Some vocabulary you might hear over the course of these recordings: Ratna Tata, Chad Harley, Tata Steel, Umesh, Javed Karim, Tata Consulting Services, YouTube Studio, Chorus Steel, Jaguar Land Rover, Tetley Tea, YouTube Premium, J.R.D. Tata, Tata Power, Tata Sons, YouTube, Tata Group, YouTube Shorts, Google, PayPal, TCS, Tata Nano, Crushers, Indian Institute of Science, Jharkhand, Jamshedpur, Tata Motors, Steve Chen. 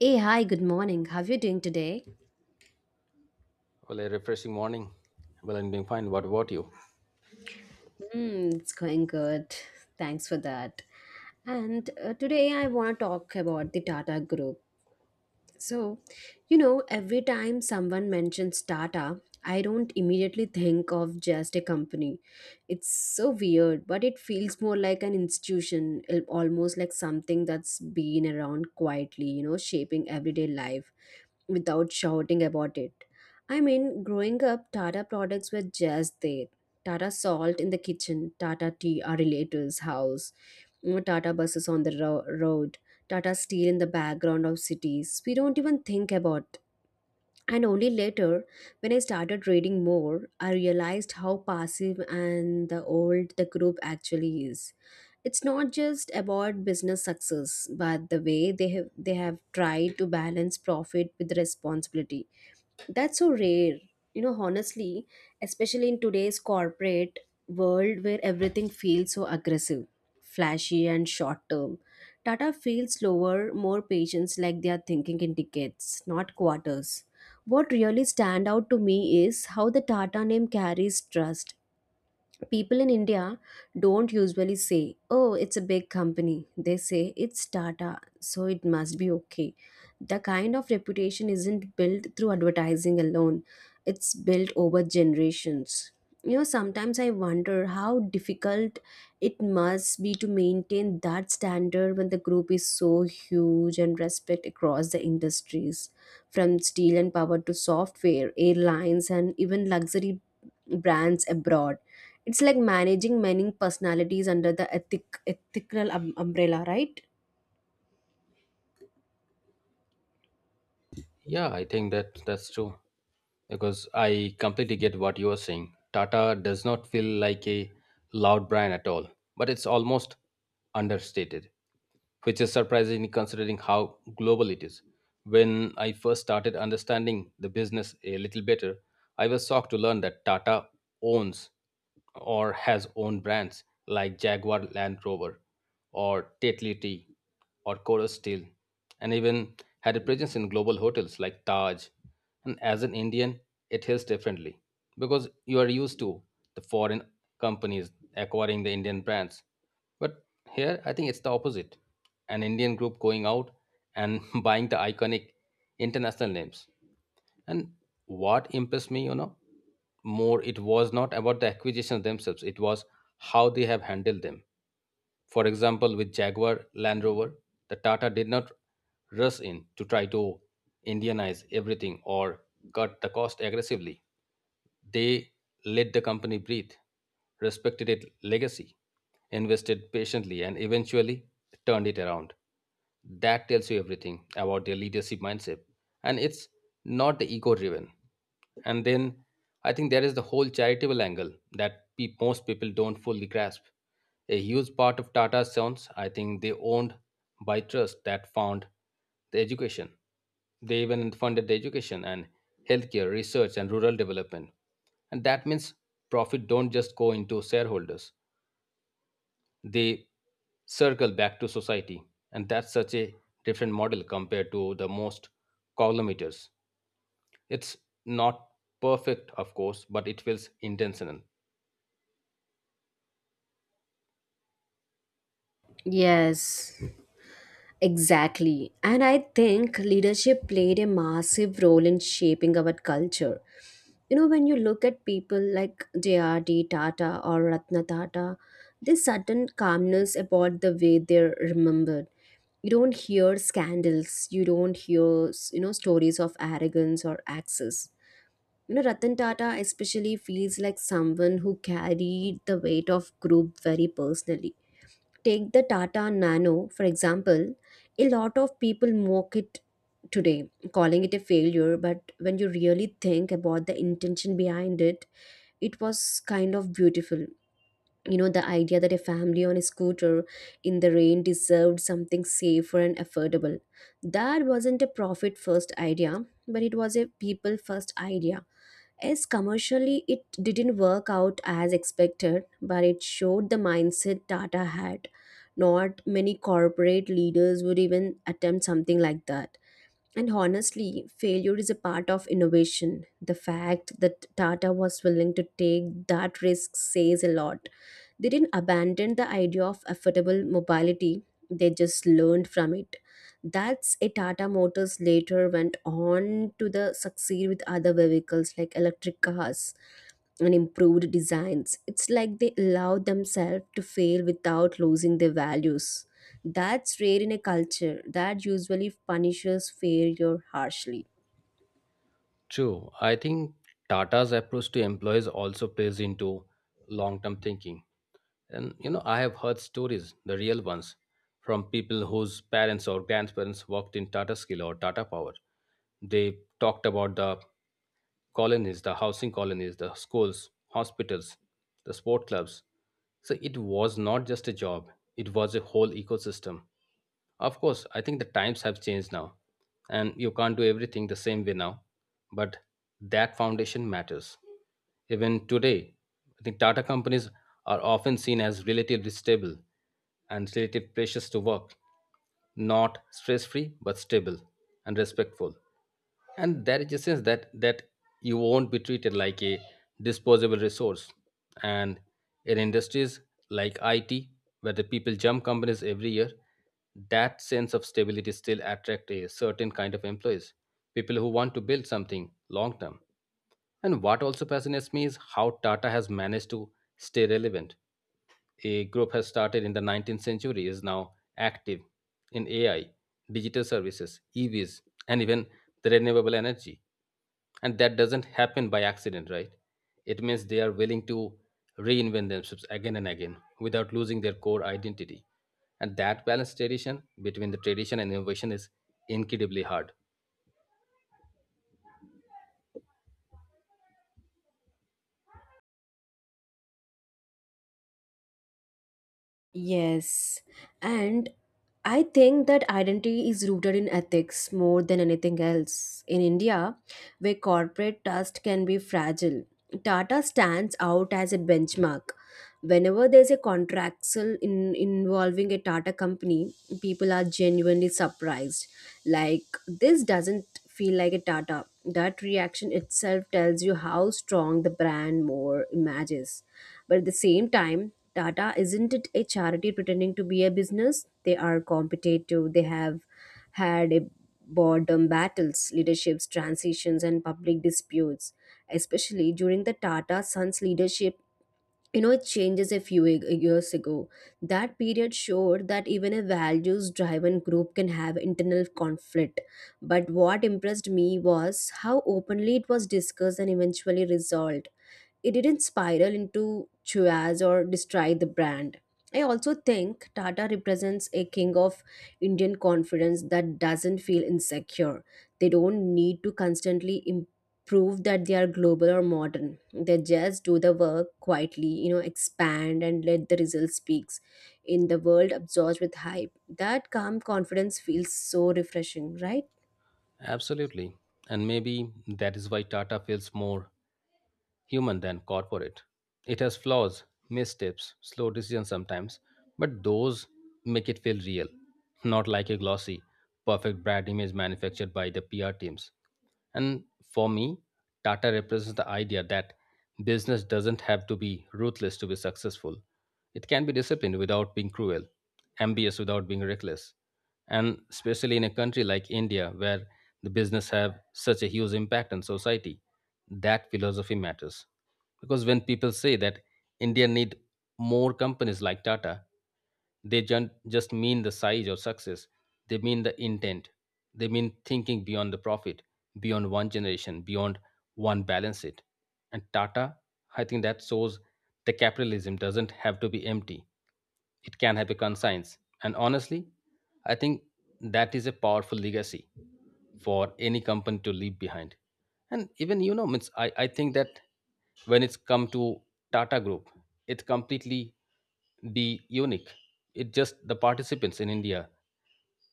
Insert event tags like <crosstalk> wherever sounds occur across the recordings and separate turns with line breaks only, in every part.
Hey, hi, good morning. How are you doing today?
Well, a refreshing morning. Well, I'm doing fine. What about you?
Hmm, it's going good. Thanks for that. And today I want to talk about the Tata Group. So, every time someone mentions Tata, I don't immediately think of just a company. It's so weird, but it feels more like an institution, almost like something that's been around quietly, you know, shaping everyday life, without shouting about it. I mean, growing up, Tata products were just there. Tata salt in the kitchen, Tata tea, our relatives' house, you know, Tata buses on the road, Tata steel in the background of cities. We don't even think about, and only later, when I started reading more, I realized how passive and the old the group actually is. It's not just about business success, but the way they have tried to balance profit with responsibility. That's so rare. You know, honestly, especially in today's corporate world where everything feels so aggressive, flashy, and short term, Tata feels slower, more patience, like they are thinking in decades, not quarters. What really stand out to me is how the Tata name carries trust. People in India don't usually say, oh, it's a big company. They say it's Tata, so it must be okay. The kind of reputation isn't built through advertising alone, it's built over generations. You know, sometimes I wonder how difficult it must be to maintain that standard when the group is so huge and respect across the industries from steel and power to software, airlines, and even luxury brands abroad. It's like managing many personalities under the ethical umbrella, right?
Yeah, I think that's true because I completely get what you are saying. Tata does not feel like a loud brand at all, but it's almost understated, which is surprising considering how global it is. When I first started understanding the business a little better, I was shocked to learn that Tata owns or has owned brands like Jaguar Land Rover or Tetley Tea, or Chorus Steel, and even had a presence in global hotels like Taj. And as an Indian, it hits differently because you are used to the foreign companies acquiring the Indian brands. But here, I think it's the opposite, an Indian group going out and <laughs> buying the iconic international names. And what impressed me, you know, more, it was not about the acquisitions themselves, it was how they have handled them. For example, with Jaguar Land Rover, the Tata did not rush in to try to Indianize everything or cut the cost aggressively. They let the company breathe, respected its legacy, invested patiently, and eventually turned it around. That tells you everything about their leadership mindset, and it's not the ego driven. And then I think there is the whole charitable angle that most people don't fully grasp. A huge part of Tata's sons, I think they owned by trust that found the education. They even funded the education and healthcare, research and rural development. And that means profit don't just go into shareholders. They circle back to society. And that's such a different model compared to the most collimators. It's not perfect, of course, but it feels intentional.
Yes. Exactly. And I think leadership played a massive role in shaping our culture. You know, when you look at people like J.R.D. Tata or Ratna Tata, there's certain calmness about the way they're remembered. You don't hear scandals, you don't hear, you know, stories of arrogance or access. You know, Ratan Tata especially feels like someone who carried the weight of group very personally. Take the Tata Nano, for example. A lot of people mock it today, calling it a failure, but when you really think about the intention behind it, it was kind of beautiful. You know, the idea that a family on a scooter in the rain deserved something safer and affordable, that wasn't a profit first idea, but it was a people first idea. As commercially it didn't work out as expected, but it showed the mindset Tata had. Not many corporate leaders would even attempt something like that. And honestly, failure is a part of innovation. The fact that Tata was willing to take that risk says a lot. They didn't abandon the idea of affordable mobility, they just learned from it. That's a Tata Motors later went on to the succeed with other vehicles like electric cars and improved designs. It's like they allow themselves to fail without losing their values. That's rare in a culture that usually punishes failure harshly.
True. I think Tata's approach to employees also plays into long term thinking. And you know, I have heard stories, the real ones, from people whose parents or grandparents worked in Tata Steel or Tata Power. They talked about the colonies, the housing colonies, the schools, hospitals, the sport clubs. So it was not just a job, it was a whole ecosystem. Of course, I think the times have changed now, and you can't do everything the same way now, but that foundation matters. Even today, I think Tata companies are often seen as relatively stable and relative precious to work, not stress free, but stable and respectful. And there is a sense that you won't be treated like a disposable resource. And in industries like IT, where the people jump companies every year, that sense of stability still attract a certain kind of employees, people who want to build something long term. And what also fascinates me is how Tata has managed to stay relevant. A group has started in the 19th century is now active in AI, digital services, EVs, and even the renewable energy. And that doesn't happen by accident, right? It means they are willing to reinvent themselves again and again without losing their core identity. And that balance tradition between the tradition and innovation is incredibly hard.
Yes. And I think that identity is rooted in ethics more than anything else. In India, where corporate trust can be fragile, Tata stands out as a benchmark. Whenever there's a contractual involving a Tata company, people are genuinely surprised. Like, this doesn't feel like a Tata. That reaction itself tells you how strong the brand more images. But at the same time, Tata isn't it a charity pretending to be a business? They are competitive. They have had a boredom battles, leaderships, transitions, and public disputes. Especially during the Tata Sons leadership, you know it changes a few years ago, that period showed that even a values driven group can have internal conflict, but what impressed me was how openly it was discussed and eventually resolved. It didn't spiral into churras or destroy the brand. I also think Tata represents a king of Indian confidence that doesn't feel insecure. They don't need to constantly improve that they are global or modern. They just do the work quietly, you know, expand and let the result speaks. In the world absorbed with hype, that calm confidence feels so refreshing, right?
Absolutely. And maybe that is why Tata feels more human than corporate. It has flaws, missteps, slow decisions sometimes, but those make it feel real, not like a glossy, perfect brand image manufactured by the PR teams. And for me, Tata represents the idea that business doesn't have to be ruthless to be successful. It can be disciplined without being cruel, ambitious without being reckless. And especially in a country like India, where the business have such a huge impact on society, that philosophy matters, because when people say that India need more companies like Tata, they just mean the size or success. They mean the intent. They mean thinking beyond the profit, beyond one generation, beyond one balance sheet. And Tata, I think, that shows the capitalism doesn't have to be empty. It can have a conscience. And honestly, I think that is a powerful legacy for any company to leave behind. And even, you know, means I think that when it's come to Tata group, it's completely be unique. It just the participants in India,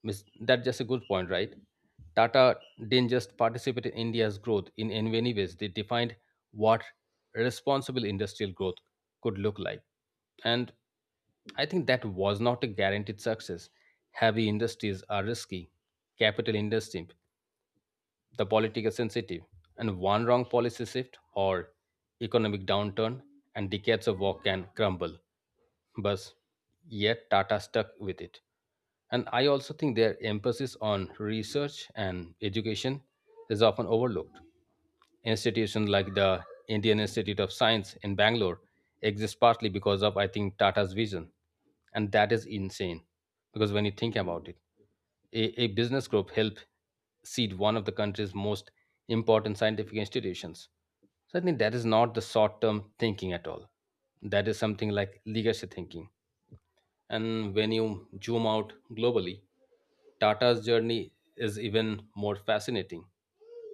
means that's just a good point, right? Tata didn't just participate in India's growth, in many ways they defined what responsible industrial growth could look like. And I think that was not a guaranteed success. Heavy industries are risky. Capital intensive, the political sensitive, and one wrong policy shift or economic downturn and decades of work can crumble. But yet Tata stuck with it. And I also think their emphasis on research and education is often overlooked. Institutions like the Indian Institute of Science in Bangalore exist partly because of, I think, Tata's vision. And that is insane, because when you think about it, a business group helped seed one of the country's most important scientific institutions. So I think that is not the short term thinking at all. That is something like legacy thinking. And when you zoom out globally, Tata's journey is even more fascinating.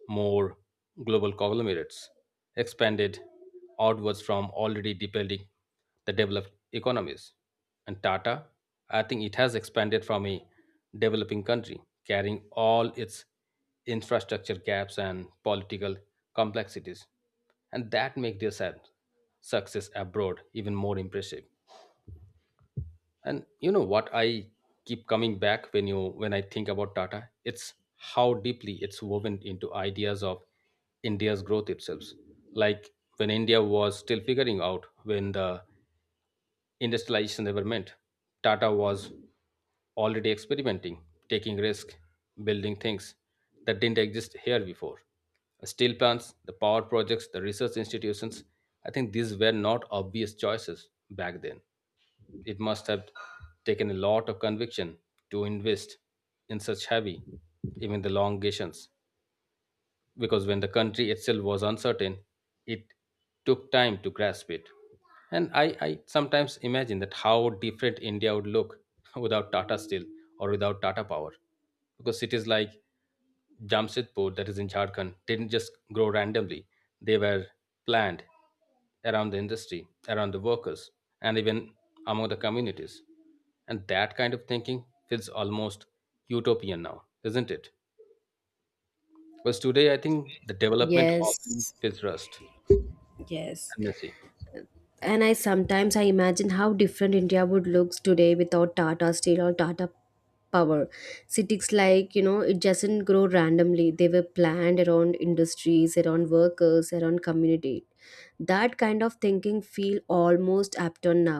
More global conglomerates expanded outwards from already depending the developed economies. And Tata, I think it has expanded from a developing country, carrying all its infrastructure gaps and political complexities. And that makes their success abroad even more impressive. And you know what I keep coming back when you when I think about Tata? It's how deeply it's woven into ideas of India's growth itself. Like when India was still figuring out when the industrialization ever meant, Tata was already experimenting, taking risk, building things that didn't exist here before. Steel plants, the power projects, the research institutions, I think these were not obvious choices back then. It must have taken a lot of conviction to invest in such heavy, even the longations, because when the country itself was uncertain, it took time to grasp it. And I sometimes imagine that how different India would look <laughs> without Tata Steel or without Tata Power, because cities like Jamshedpur, that is in Jharkhand, didn't just grow randomly. They were planned around the industry, around the workers, and even among the communities. And that kind of thinking feels almost utopian now, isn't it? Because today I think the development often
Yes.
feels rushed
Yes.
and messy.
And I sometimes I imagine how different India would look today without Tata Steel or Tata Power. Cities like, you know, it doesn't grow randomly, they were planned around industries, around workers, around community. That kind of thinking feel almost abandoned now.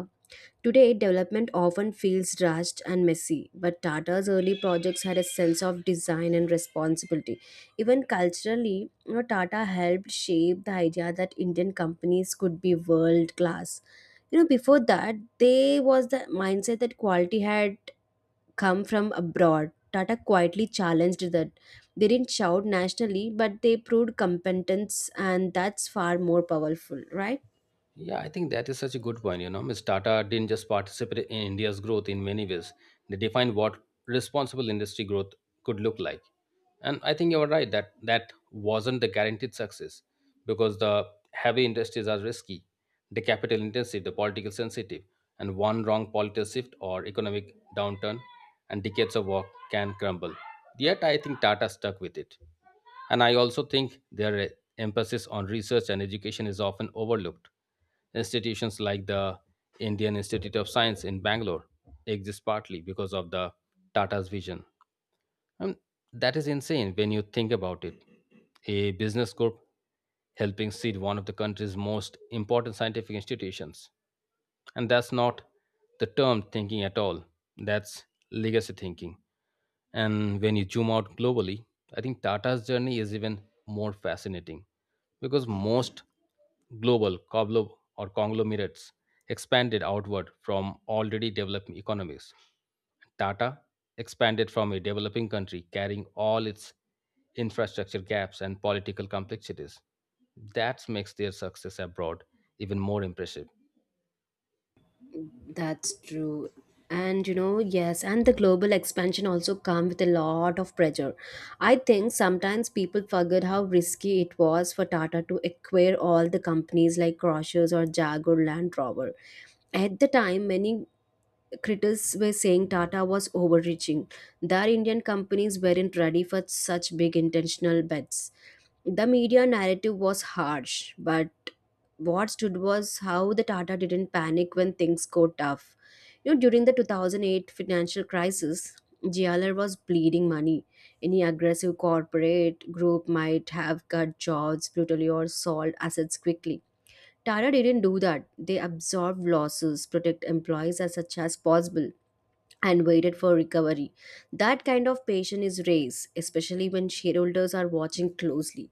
Today development often feels rushed and messy, but Tata's early projects had a sense of design and responsibility. Even culturally, you know, Tata helped shape the idea that Indian companies could be world class. You know, before that, they was the mindset that quality had come from abroad. Tata quietly challenged that. They didn't shout nationally, but they proved competence, and that's far more powerful, right?
Yeah, I think that is such a good point. You know, Ms. Tata didn't just participate in India's growth in many ways, they defined what responsible industry growth could look like. And I think you're right that that wasn't the guaranteed success, because the heavy industries are risky, the capital intensive, the political sensitive, and one wrong political shift or economic downturn and decades of work can crumble. Yet I think Tata stuck with it. And I also think their emphasis on research and education is often overlooked. Institutions like the Indian Institute of Science in Bangalore exist partly because of the Tata's vision. And that is insane when you think about it. A business group helping seed one of the country's most important scientific institutions. And that's not the term thinking at all. That's legacy thinking. And when you zoom out globally, I think Tata's journey is even more fascinating, because most global coblo- or conglomerates expanded outward from already developed economies. Tata expanded from a developing country carrying all its infrastructure gaps and political complexities. That makes their success abroad even more impressive.
That's true. And you know, yes, and the global expansion also come with a lot of pressure. I think sometimes people forget how risky it was for Tata to acquire all the companies like Crushers or Jaguar Land Rover. At the time, many critics were saying Tata was overreaching. Their Indian companies weren't ready for such big intentional bets. The media narrative was harsh, but what stood was how the Tata didn't panic when things got tough. You know, during the 2008 financial crisis, JLR was bleeding money. Any aggressive corporate group might have cut jobs brutally or sold assets quickly. Tata didn't do that. They absorbed losses, protect employees as much as possible, and waited for recovery. That kind of patience is race, especially when shareholders are watching closely.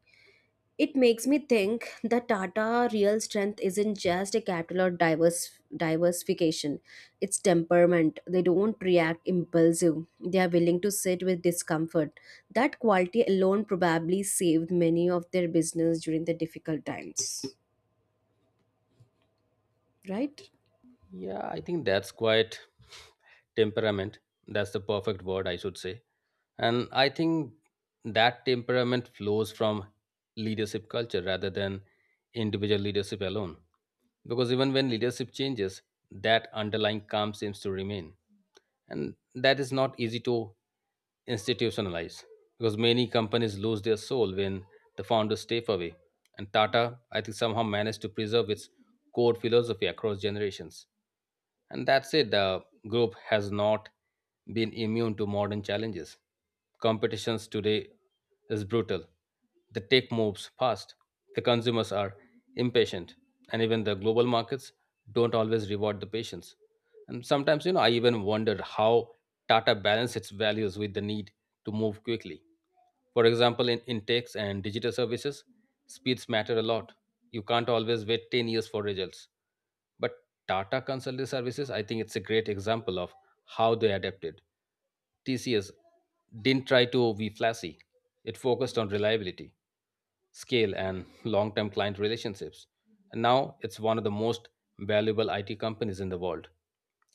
It makes me think that Tata real strength isn't just a capital or diverse diversification. It's temperament. They don't react impulsive. They are willing to sit with discomfort. That quality alone probably saved many of their business during the difficult times. Right?
Yeah, I think that's quite temperament. That's the perfect word, I should say. And I think that temperament flows from leadership culture rather than individual leadership alone. Because even when leadership changes, that underlying calm seems to remain. And that is not easy to institutionalize, because many companies lose their soul when the founders step away. And Tata, I think, somehow managed to preserve its core philosophy across generations. And that's it, the group has not been immune to modern challenges. Competitions today is brutal. The tech moves fast. The consumers are impatient. And even the global markets don't always reward the patience. And sometimes, you know, I even wonder how Tata balances its values with the need to move quickly. For example, in techs and digital services, speeds matter a lot. You can't always wait 10 years for results. But Tata Consulting Services, I think it's a great example of how they adapted. TCS didn't try to be flashy. It focused on reliability, scale, and long term client relationships. And now it's one of the most valuable IT companies in the world.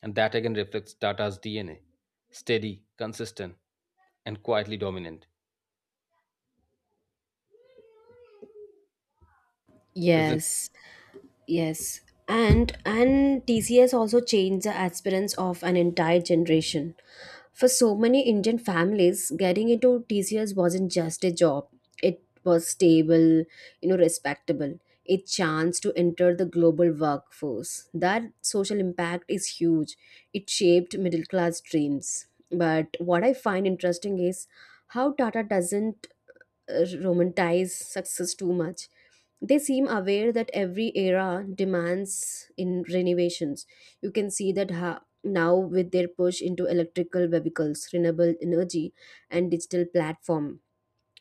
And that again reflects Tata's DNA steady, consistent, and quietly dominant. Isn't
Yes, yes. And TCS also changed the aspirants of an entire generation. For so many Indian families, getting into TCS wasn't just a job. It was stable, you know, respectable. A chance to enter the global workforce. That social impact is huge. It shaped middle class dreams. But what I find interesting is how Tata doesn't romanticize success too much. They seem aware that every era demands in renovations. You can see that now with their push into electrical vehicles, renewable energy, and digital platform.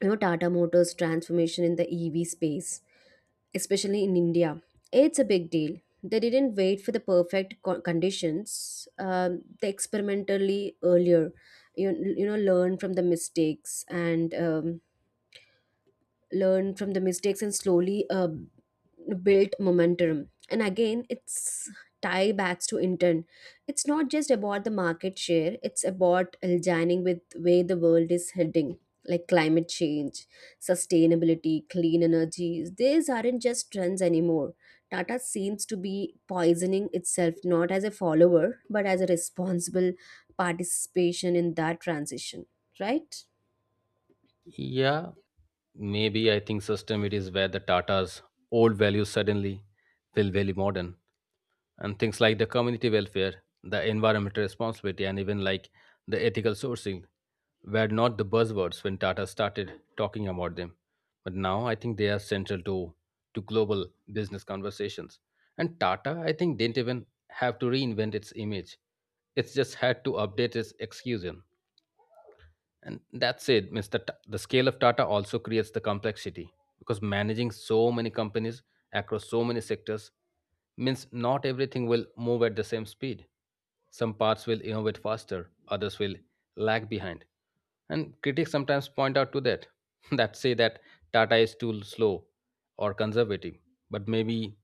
You know, Tata Motors transformation in the EV space, especially in India, it's a big deal. They didn't wait for the perfect conditions, they experimentally earlier, you, you know, learn from the mistakes and, learn from the mistakes and slowly built momentum. And again, it's tie backs to intent. It's not just about the market share, it's about aligning with where the world is heading, like climate change, sustainability, clean energies. These aren't just trends anymore. Tata seems to be poisoning itself not as a follower but as a responsible participation in that transition, right?
it? Yeah, maybe I think system it is where the Tata's old values suddenly feel very modern. And things like the community welfare, the environmental responsibility, and even like the ethical sourcing were not the buzzwords when Tata started talking about them. But now I think they are central to global business conversations. And Tata, I think, didn't even have to reinvent its image, it's just had to update its execution. And that said, means the scale of Tata also creates the complexity, because managing so many companies across so many sectors means not everything will move at the same speed. Some parts will innovate faster, others will lag behind. And critics sometimes point out to that, <laughs> that say that Tata is too slow or conservative. But maybe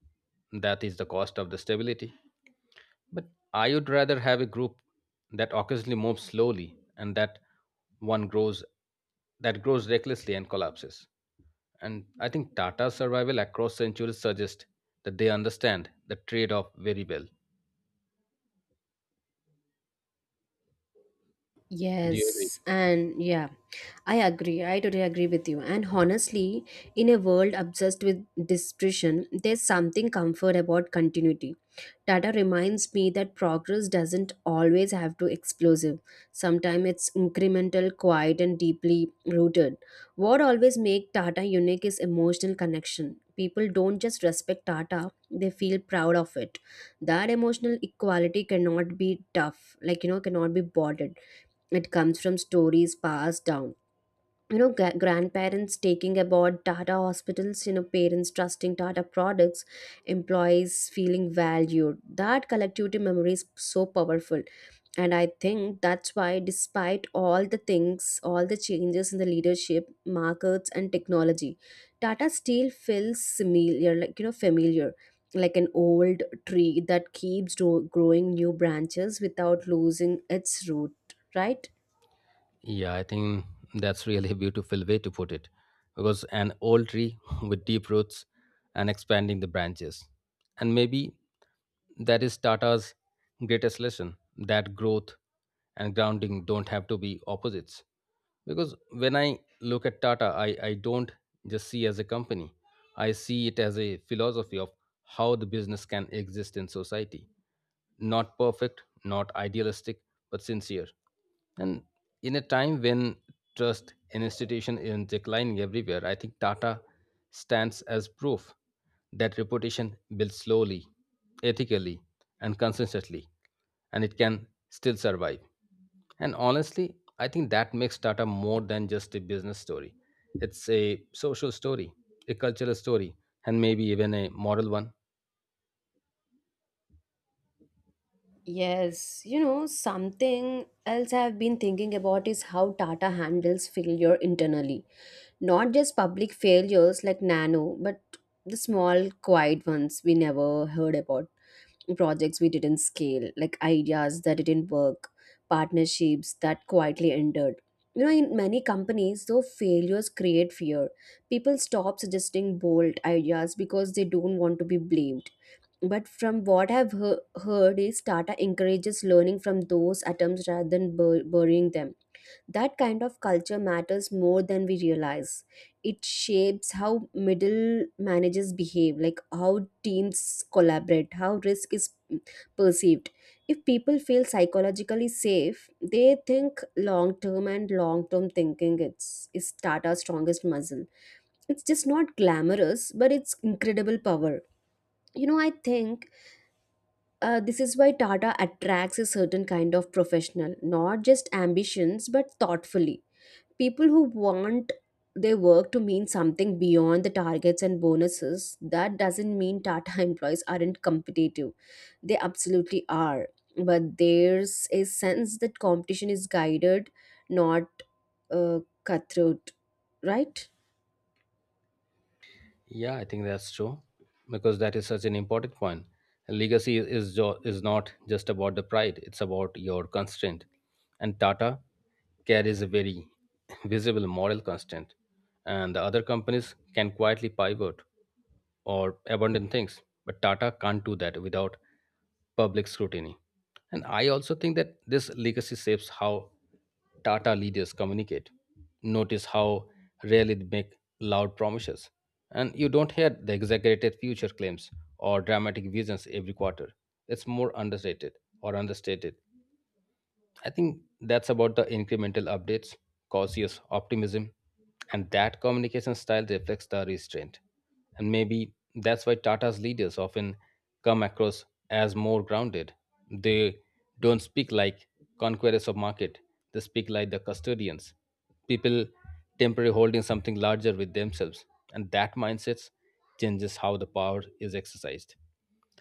that is the cost of the stability. But I would rather have a group that occasionally moves slowly and that one grows that grows recklessly and collapses. And I think Tata's survival across centuries suggests that they understand the trade-off very well. Do you agree?
Yes, and yeah, I agree. I totally agree with you. And honestly, in a world obsessed with distribution, there's something comfort about continuity. Tata reminds me that progress doesn't always have to explosive. Sometimes it's incremental, quiet, and deeply rooted. What always makes Tata unique is emotional connection. People don't just respect Tata, they feel proud of it. That emotional equality cannot be tough, like, you know, cannot be boarded. It comes from stories passed down. You know, grandparents taking about Tata hospitals, you know, parents trusting Tata products, employees feeling valued. That collectivity memory is so powerful. And I think that's why, despite all the things, all the changes in the leadership, markets, and technology, Tata still feels familiar, like, you know, familiar, like an old tree that keeps growing new branches without losing its root, right?
Yeah, I think that's really a beautiful way to put it. Because an old tree <laughs> with deep roots and expanding the branches. And maybe that is Tata's greatest lesson, that growth and grounding don't have to be opposites. Because when I look at Tata, I don't just see as a company. I see it as a philosophy of how the business can exist in society. Not perfect, not idealistic, but sincere. And in a time when trust in institution is declining everywhere, I think Tata stands as proof that reputation builds slowly, ethically, and consistently, and it can still survive. And honestly, I think that makes Tata more than just a business story. It's a social story, a cultural story, and maybe even a moral one.
Yes, you know, something else I've been thinking about is how Tata handles failure internally. Not just public failures like Nano, but the small, quiet ones we never heard about. Projects we didn't scale, like ideas that didn't work, partnerships that quietly ended. You know, in many companies, though failures create fear, people stop suggesting bold ideas because they don't want to be blamed, but from what I've heard is Tata encourages learning from those atoms rather than burying them. That kind of culture matters more than we realize. It shapes how middle managers behave, like how teams collaborate, how risk is perceived. If people feel psychologically safe, they think long term, and long term thinking it's is Tata's strongest muscle. It's just not glamorous, but it's incredible power. You know, I think, this is why Tata attracts a certain kind of professional, not just ambitions, but thoughtfully. People who want their work to mean something beyond the targets and bonuses. That doesn't mean Tata <laughs> employees aren't competitive. They absolutely are. But there's a sense that competition is guided, not cutthroat, right?
Yeah, I think that's true, because that is such an important point. Legacy is is not just about the pride; it's about your constraint. And Tata carries a very <laughs> visible moral constraint, and the other companies can quietly pivot or abandon things, but Tata can't do that without public scrutiny. And I also think that this legacy shapes how Tata leaders communicate. Notice how rarely they make loud promises. And you don't hear the exaggerated future claims or dramatic visions every quarter. It's more underrated or understated. I think that's about the incremental updates, cautious optimism, and that communication style reflects the restraint. And maybe that's why Tata's leaders often come across as more grounded. They don't speak like conquerors of market, they speak like the custodians, people temporarily holding something larger with themselves. And that mindset changes how the power is exercised.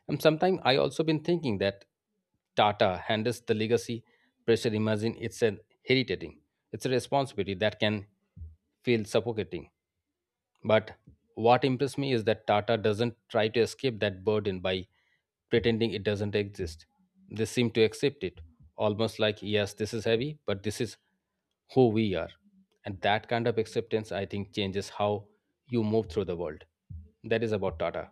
And sometimes I also been thinking that Tata handles the legacy pressure. Imagine it's an heritating. It's a responsibility that can feel suffocating. But what impressed me is that Tata doesn't try to escape that burden by pretending it doesn't exist. They seem to accept it, almost like, yes, this is heavy, but this is who we are. And that kind of acceptance, I think, changes how you move through the world. That is about Tata.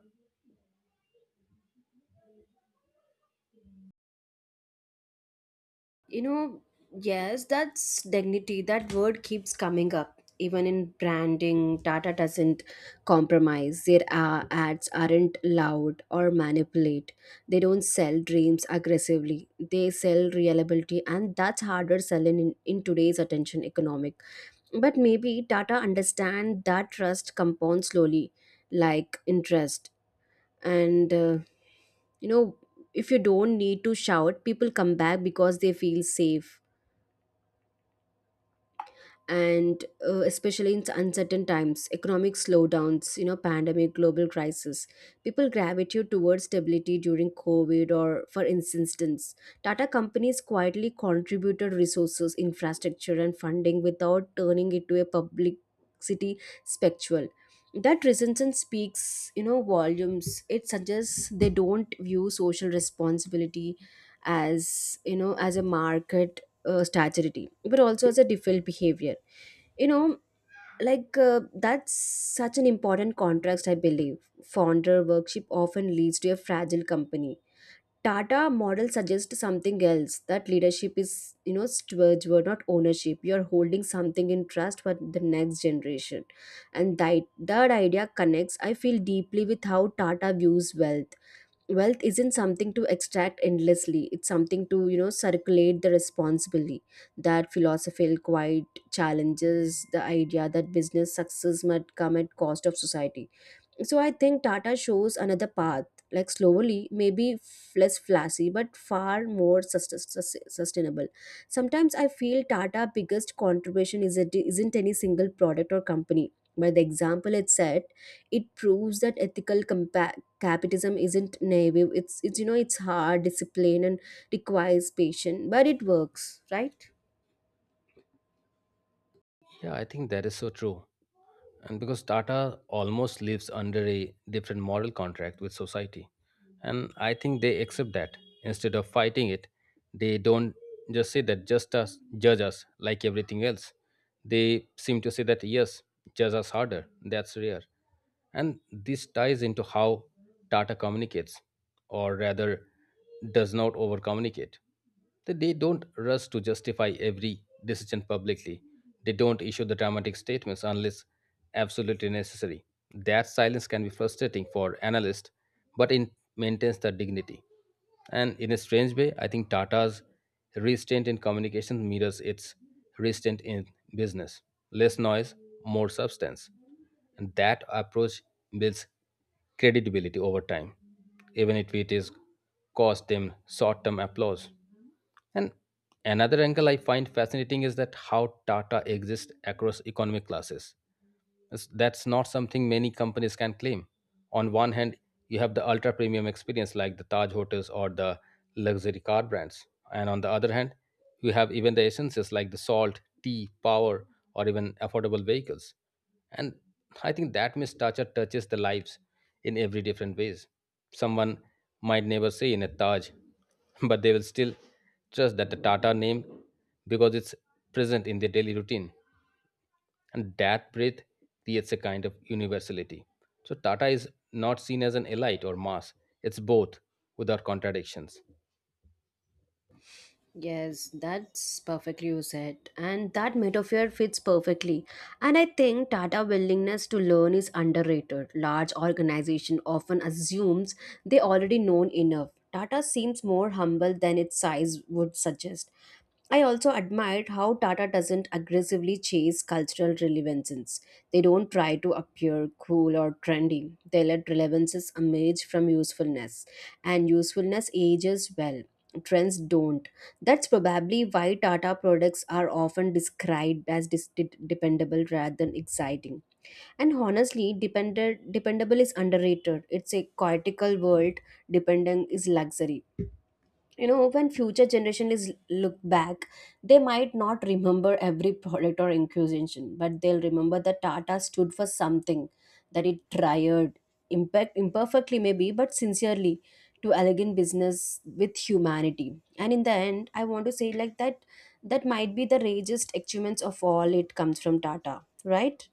You know, yes, that's dignity. That word keeps coming up. Even in branding, Tata doesn't compromise. Their ads aren't loud or manipulate. They don't sell dreams aggressively. They sell reliability, and that's harder selling in today's attention economic. But maybe Tata understand that trust compounds slowly, like interest. And you know, if you don't need to shout, people come back because they feel safe, and especially in uncertain times, economic slowdowns, you know, pandemic, global crisis, people gravitate towards stability. During COVID, or for instance, Tata companies quietly contributed resources, infrastructure, and funding without turning it to a publicity spectacle. That resistance speaks, you know, volumes. It suggests they don't view social responsibility as, you know, as a market strategy, but also as a default behavior, you know, like, that's such an important contrast. I believe founder worship often leads to a fragile company. Tata model suggests something else, that leadership is, you know, stewardship, not ownership. You're holding something in trust for the next generation. And that idea connects, I feel deeply with how Tata views wealth. Wealth isn't something to extract endlessly, it's something to, you know, circulate the responsibly. That philosophical quite challenges the idea that business success might come at cost of society. So I think Tata shows another path, like slowly, maybe less flashy, but far more sustainable. Sometimes I feel Tata' biggest contribution is it isn't any single product or company. By the example it said, it proves that ethical capitalism isn't naive. It's you know it's hard, discipline, and requires patience, but it works, right?
Yeah, I think that is so true. And because Tata almost lives under a different moral contract with society. And I think they accept that. Instead of fighting it, they don't just say that just us, judge us like everything else. They seem to say that, yes, judge us harder. That's rare. And this ties into how Tata communicates, or rather, does not over communicate. That They don't rush to justify every decision publicly. They don't issue the dramatic statements unless absolutely necessary. That silence can be frustrating for analysts, but it maintains their dignity. And in a strange way, I think Tata's restraint in communication mirrors its restraint in business. Less noise, more substance. And that approach builds credibility over time, even if it is cost them short term applause. And another angle I find fascinating is that how Tata exists across economic classes. That's not something many companies can claim. On one hand, you have the ultra premium experience like the Taj hotels or the luxury car brands. And on the other hand, you have even the essences like the salt, tea, power, or even affordable vehicles. And I think that mistructure touches the lives in every different ways. Someone might never say in a Taj, but they will still trust that the Tata name, because it's present in their daily routine, and that breadth creates a kind of universality. So Tata is not seen as an elite or mass; it's both, without contradictions.
Yes, that's perfectly you said. And that metaphor fits perfectly. And I think Tata willingness to learn is underrated. Large organization often assumes they already known enough. Tata seems more humble than its size would suggest. I also admired how Tata doesn't aggressively chase cultural relevances. They don't try to appear cool or trendy. They let relevances emerge from usefulness, and usefulness ages well. Trends don't. That's probably why Tata products are often described as dependable rather than exciting. And honestly, dependent dependable is underrated. It's a cortical world, dependent is luxury. You know, when future generation is look back, they might not remember every product or inquisition, but they'll remember that Tata stood for something, that it tried impact imperfectly, maybe, but sincerely, to elegant business with humanity. And in the end, I want to say like that, that might be the greatest achievements of all it comes from Tata, right?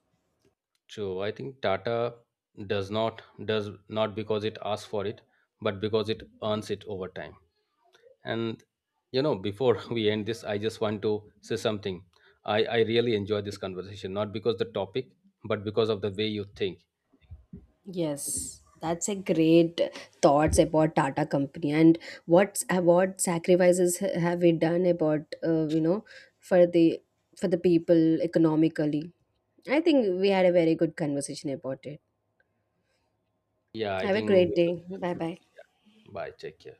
So I think Tata does not because it asks for it, but because it earns it over time. And you know, before <laughs> we end this, I just want to say something. I really enjoy this conversation, not because the topic, but because of the way you think.
Yes, that's a great thoughts about Tata company and what's what sacrifices have we done about, you know, for the for the people economically. I think we had a very good conversation about it.
Yeah, I
Have a
think
great
we should.
day. Bye bye.
Bye. Take care.